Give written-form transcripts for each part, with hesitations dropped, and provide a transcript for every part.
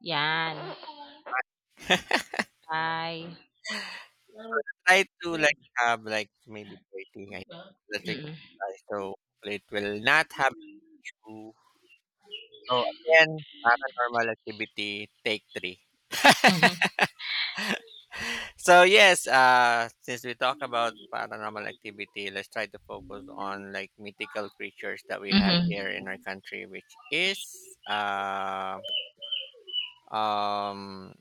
'Yan, bye. Try to Mm, like have like maybe 30, I think. That's like, so hopefully it will not have to. So again, paranormal activity, take three. mhm. So yes, since we talk about paranormal activity, let's try to focus on like mythical creatures that we have Mhm. here in our country, which is um,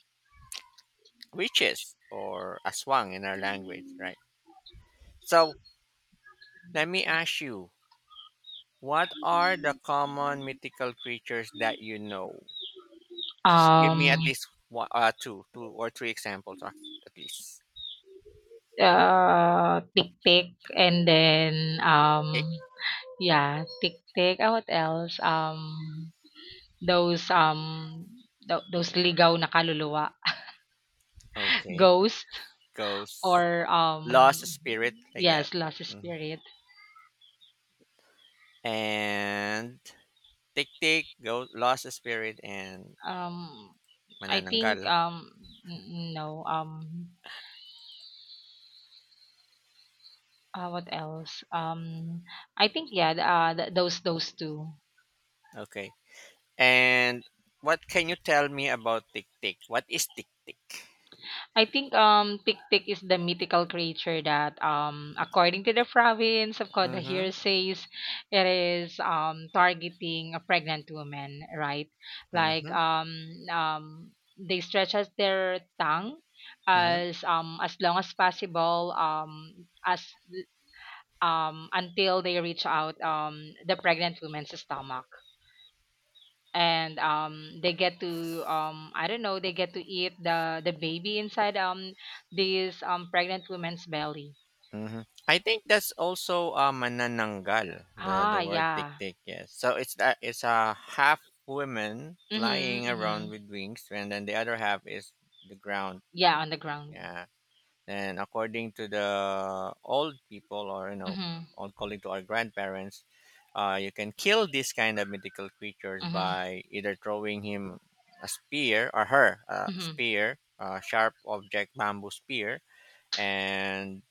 witches or aswang in our language, right? So let me ask you. What are the common mythical creatures that you know? Give me Um, at least one, two or three examples, at least. Tik-tik and then, Tick, tick. um, yeah, tik-tik. Ah, what else? Those, um, those ligaw na kaluluwa, Okay. ghost Ghosts, or, lost spirit, like that. yes, lost Mhm. spirit. And tick tick, go lost spirit and Um, I manananggal. think, n no, what else? I think yeah, those two. Okay. And what can you tell me about tick tick? What is tick tick? I think Tik-Tik is the mythical creature that according to the province of Koda Mm-hmm. here says it is targeting a pregnant woman, right? Like Mm-hmm. They stretch out their tongue Mm-hmm. As long as possible as until they reach out the pregnant woman's stomach. And they get to I don't know, they get to eat the baby inside this pregnant woman's belly. Mhm. I think that's also manananggal, the, Ah, the word tik yeah. tik. Yes. So it's that it's a half women Mhm, flying mhm. around with wings, and then the other half is the ground. Yeah, on the ground. Yeah. And according to the old people, or you know, Mhm. old calling to our grandparents, you can kill this kind of mythical creatures Mhm. by either throwing him a spear or her a Mhm. spear, a sharp object, bamboo spear, and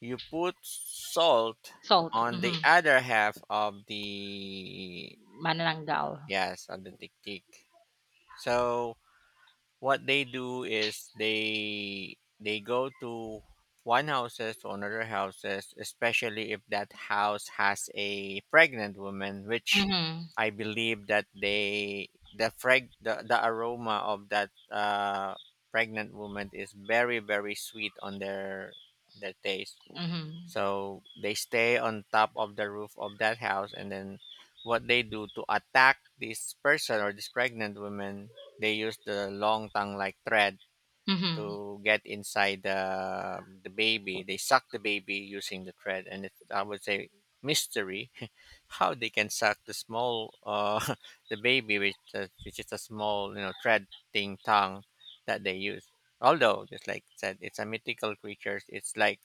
you put salt Salt, on mhm. the other half of the, Manananggal. yes, on the tiktik. So what they do is they go to one houses to another houses, especially if that house has a pregnant woman, which Mhm. I believe that they the aroma of that pregnant woman is very very sweet on their taste. Mhm. So they stay on top of the roof of that house, and then what they do to attack this person or this pregnant woman, they use the long tongue like thread Mhm. to get inside the baby. They suck the baby using the thread, and it's I would say mystery how they can suck the small the baby with which is a small thread thing tongue that they use. Although just like I said, it's a mythical creature. It's like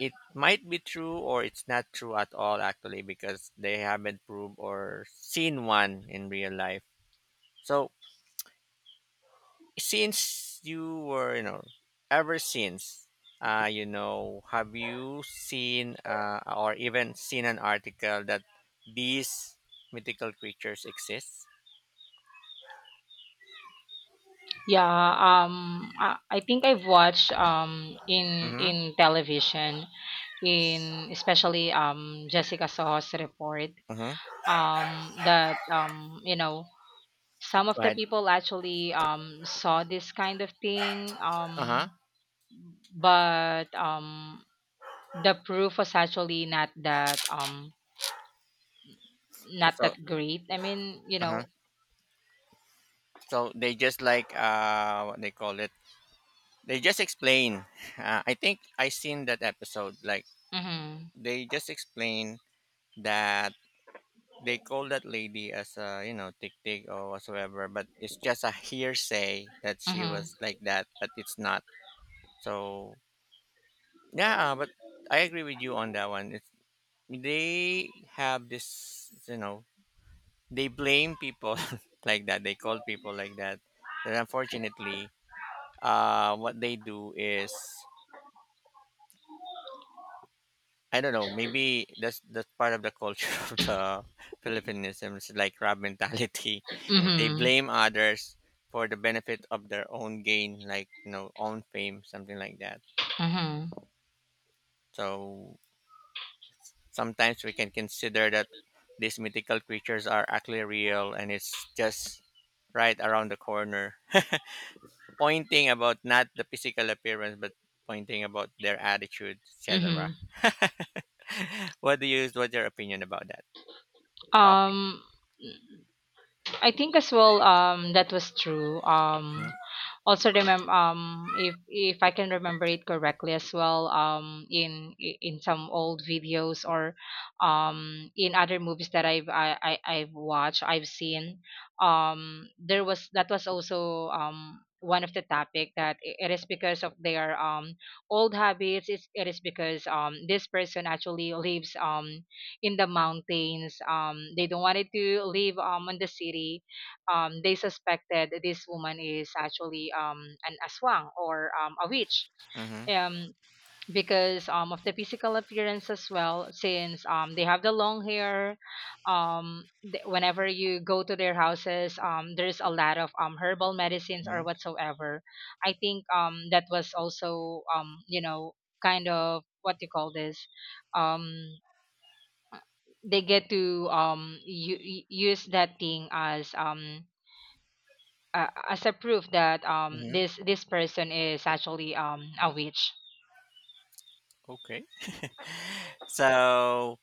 it might be true or it's not true at all actually because they haven't proved or seen one in real life. So since you were ever since have you seen or even seen an article that these mythical creatures exist? Yeah, I think I've watched um in Mm-hmm. in television, in especially Jessica Saw's report, Mm-hmm. That you know, some of the Right. people actually saw this kind of thing. um Uh-huh. but um the proof was actually not So that great, I mean, you know. uh-huh. So they just like what they call it. They just explain. I think I seen that episode like Mhm. they just explain that they call that lady as a tick tick or whatsoever, but it's just a hearsay that she Mhm. was like that but it's not. So yeah, but I agree with you on that one. It's they have this, they blame people like that, they call people like that, and unfortunately what they do is I don't know, maybe that's part of the culture of the philippinism. It's like crab mentality. They Mhm. blame others for the benefit of their own gain, like, own fame, something like that. Mhm. So sometimes we can consider that these mythical creatures are actually real, and it's just right around the corner. Pointing about not the physical appearance, but pointing about their attitude, et cetera. Mhm. What do you? What's your opinion about that? Coffee. um I think as well that was true. Also remember, if I can remember it correctly as well, in some old videos or in other movies that I've watched, I've seen there was, that was also one of the topic, that it is because of their old habits. It's, it is because this person actually lives in the mountains, they don't wanted to live on the city. They suspected this woman is actually an aswang or a witch. Mm-hmm. um, because of the physical appearance as well, since they have the long hair. Whenever you go to their houses, there's a lot of herbal medicines or mm whatsoever. I think that was also, you know, kind of what you call this, um, they get to use that thing as a proof that hmm this person is actually a witch. Okay. So,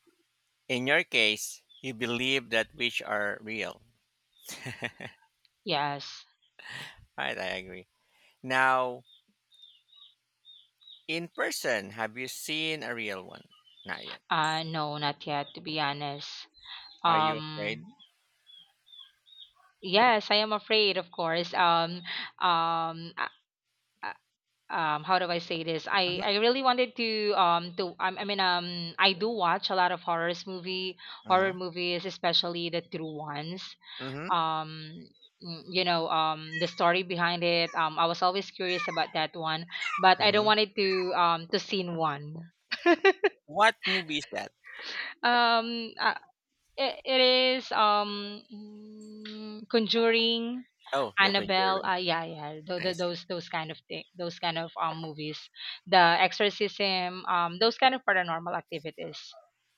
in your case, you believe that witch are real. Yes. Right, I agree. Now, in person, have you seen a real one? Not yet. No, not yet, to be honest. Are you Um afraid? yes, I am afraid, of course. Um uh, uh, how do I say this? I Mm-hmm. I really wanted to I mean, I do watch a lot of horrors movie, Mm-hmm. horror movies, especially the true ones. Mm-hmm. um you know, the story behind it, I was always curious about that one, but I don't Hmm. want it to scene one. What movie is that? um uh, it, it is, conjuring, Oh, The annabelle, Conjuring. Yeah, yeah, tho- I tho- see. those those kind of thing, those kind of movies, the exorcism, those kind of paranormal activities.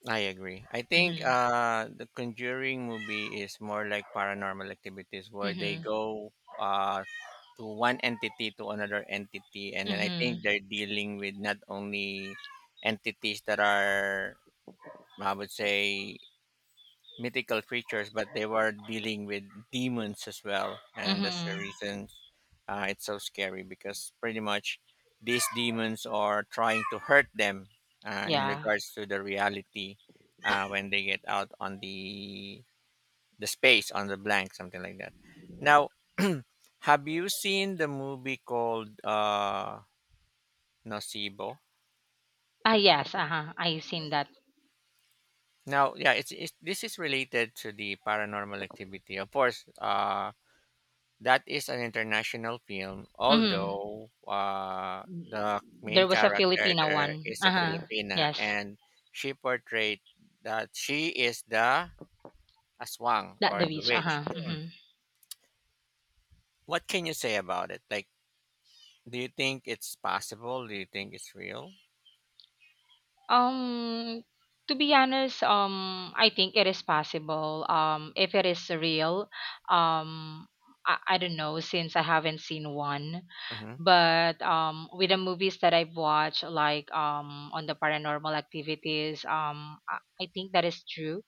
I agree. I think Mm-hmm. The Conjuring movie is more like paranormal activities where they Mm-hmm. go to one entity to another entity, and then I think Mm-hmm. they're dealing with not only entities that are, I would say, mythical creatures, but they were dealing with demons as well, and that's the Hmm. reason it's so scary because pretty much these demons are trying to hurt them in Yeah. regards to the reality when they get out on the space on the blank, something like that. Now, have you seen the movie called Nocebo? Ah, yes, uh-huh, I've seen that. Now, yeah, it's this is related to the paranormal activity. Of course, that is an international film, Mhm. although the main There was a character Filipina there one. is a Uh-huh. Filipina, Yes. and she portrayed that she is the aswang That or the the Beach. witch. Uh-huh. Hmm. Hmm. What can you say about it? Like, do you think it's possible? Do you think it's real? Um, to be honest, I think it is possible. If it is real, um, I don't know since I haven't seen one. Mm-hmm. But with the movies that I've watched, like on the paranormal activities, I think that is true,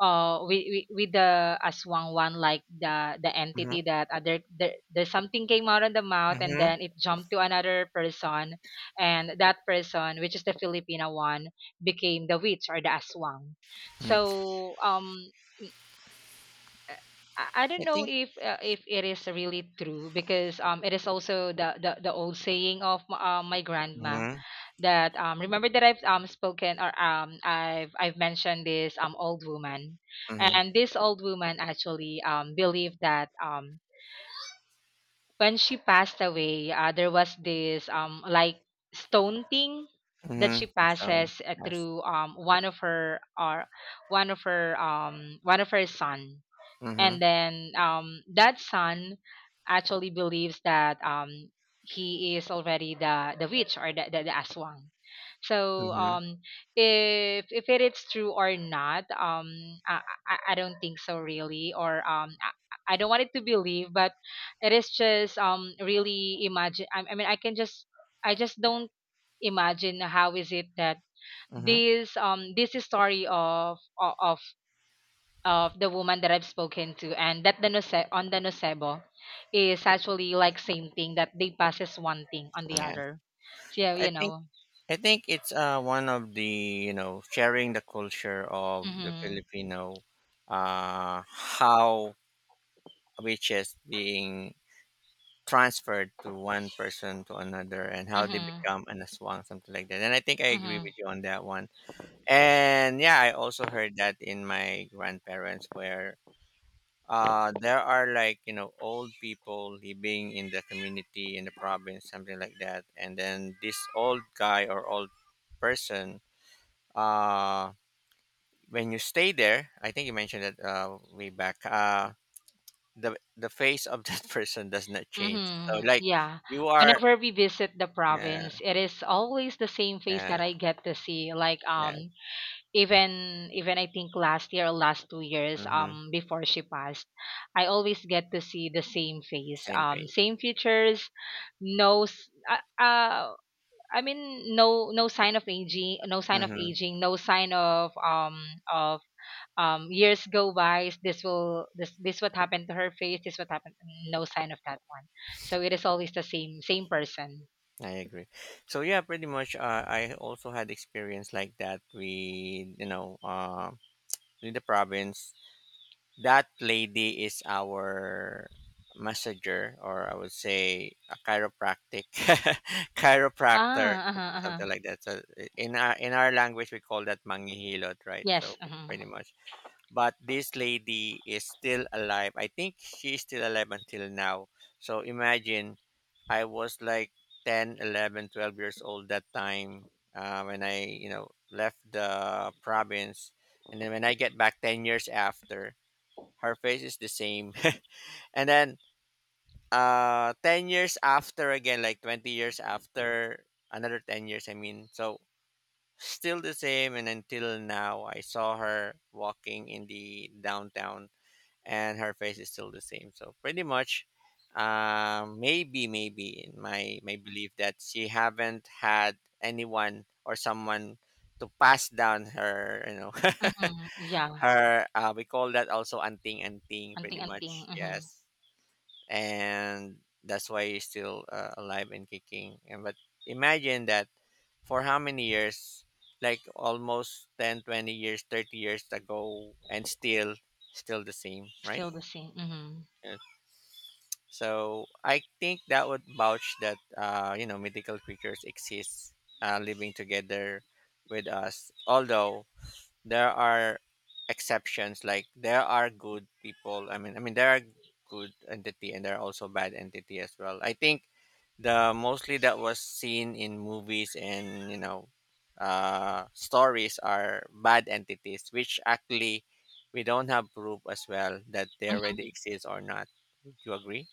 with with the aswang one, like the Mm-hmm. entity that, there there's something came out of the mouth and Mm-hmm. then it jumped to another person. And that person, which is the filipina one, became the witch or the aswang. hmm So uh, I don't I know think. If it is really true, because it is also the the old saying of my grandma, Mm-hmm. that remember that I've spoken or I've mentioned this old woman. Mm-hmm. And this old woman actually believed that when she passed away, there was this like stone thing that Mm-hmm. she So, passes yes. through one of her, or one of her son. Mm-hmm. And then that son actually believes that he is already the witch or the the aswang. So Mm-hmm. If it is true or not, i I don't think so really, or I don't want it to believe, but it is just really imagine, I mean, I can just, I just don't imagine how is it that Mm-hmm. this this story of of the woman that I've spoken to, and that the on the nocebo is actually like same thing that they passes one thing on the Yes. other. So yeah, I you think. know. I think it's one of the sharing the culture of the Mhm. Filipino, how which is being transferred to one person to another and how they Mhm. become an aswang, something like that. And I think I agree Mhm. with you on that one. And yeah, I also heard that in my grandparents where there are like old people living in the community in the province, something like that, and then this old guy or old person, uh, when you stay there, I think you mentioned it way back. The face of that person does not change. So Mhm. like Yeah. you are, Whenever we visit the yeah, province, it is always the same face that yeah, I get to see. Like yeah, even even I think last year or last 2 years mm-hmm, before she passed, I always get to see the same face. same page. Same features, no s- uh, uh I mean, no, no sign of aging, no sign of Mm-hmm, aging, no sign of years go by. This will this this what happened to her face. This what happened. No sign of that one. So it is always the same same person. I agree. So yeah, pretty much. I also had experience like that. We, in the province, that lady is our messenger, or I would say a chiropractic, chiropractor, Ah, uh-huh, uh-huh. something like that. So in our language, we call that mangihilot, right? Yes, So uh-huh. pretty much. But this lady is still alive. I think she's still alive until now. So imagine, I was like 10, 11, 12 years old that time, when I, left the province. And then when I get back 10 years after, her face is the same and then 10 years after again, like 20 years after, another 10 years, I mean, so still the same, and until now I saw her walking in the downtown and her face is still the same. So pretty much, maybe in my belief that she haven't had anyone or someone to pass down her, Mm-hmm. Yeah, her, we call that also anting anting, anting pretty anting. much, Mm-hmm. yes. And that's why he's still, alive and kicking, and but imagine that for how many years, like almost 10, 20 years, 30 years ago, and still the same, right? Still the same. Mm-hmm. Yeah. So I think that would vouch that mythical creatures exist, living together with us. Although there are exceptions, like there are good people. I mean there are good entity and there are also bad entity as well. I think the mostly that was seen in movies, and stories are bad entities, which actually we don't have proof as well that they already exist or not. Would you agree?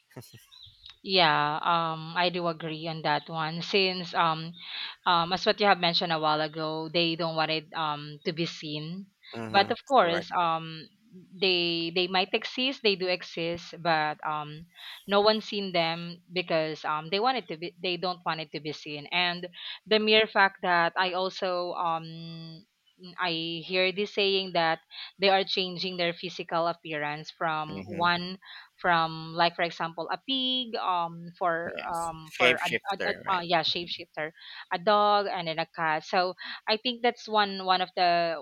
Yeah, I do agree on that one. Since as what you have mentioned a while ago, they don't want it to be seen. But Mm-hmm. of course, Correct. They might exist. They do exist, but no one's seen them because they want it to be. They don't want it to be seen. And the mere fact that I also I hear this saying that they are changing their physical appearance from Mm-hmm. one, from like, for example, a pig, Yes. For a, Shapeshifter, right? yeah, shapeshifter, a dog and then a cat. So I think that's one,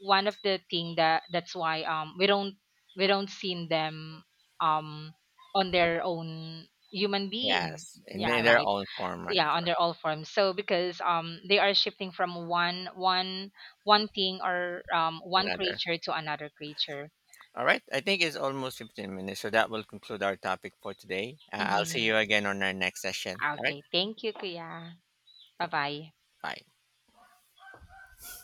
one of the thing that that's why we don't seen them um on their own, human being. Yes. In, Yeah, in their right. own form, right? Yeah, on Correct. their all forms. So because they are shifting from one thing or one Another. creature to another creature. All right. I think it's almost 15 minutes. So that will conclude our topic for today. I'll see Mm-hmm. you again on our next session. All right. Okay, thank you, kuya. Bye-bye. Bye.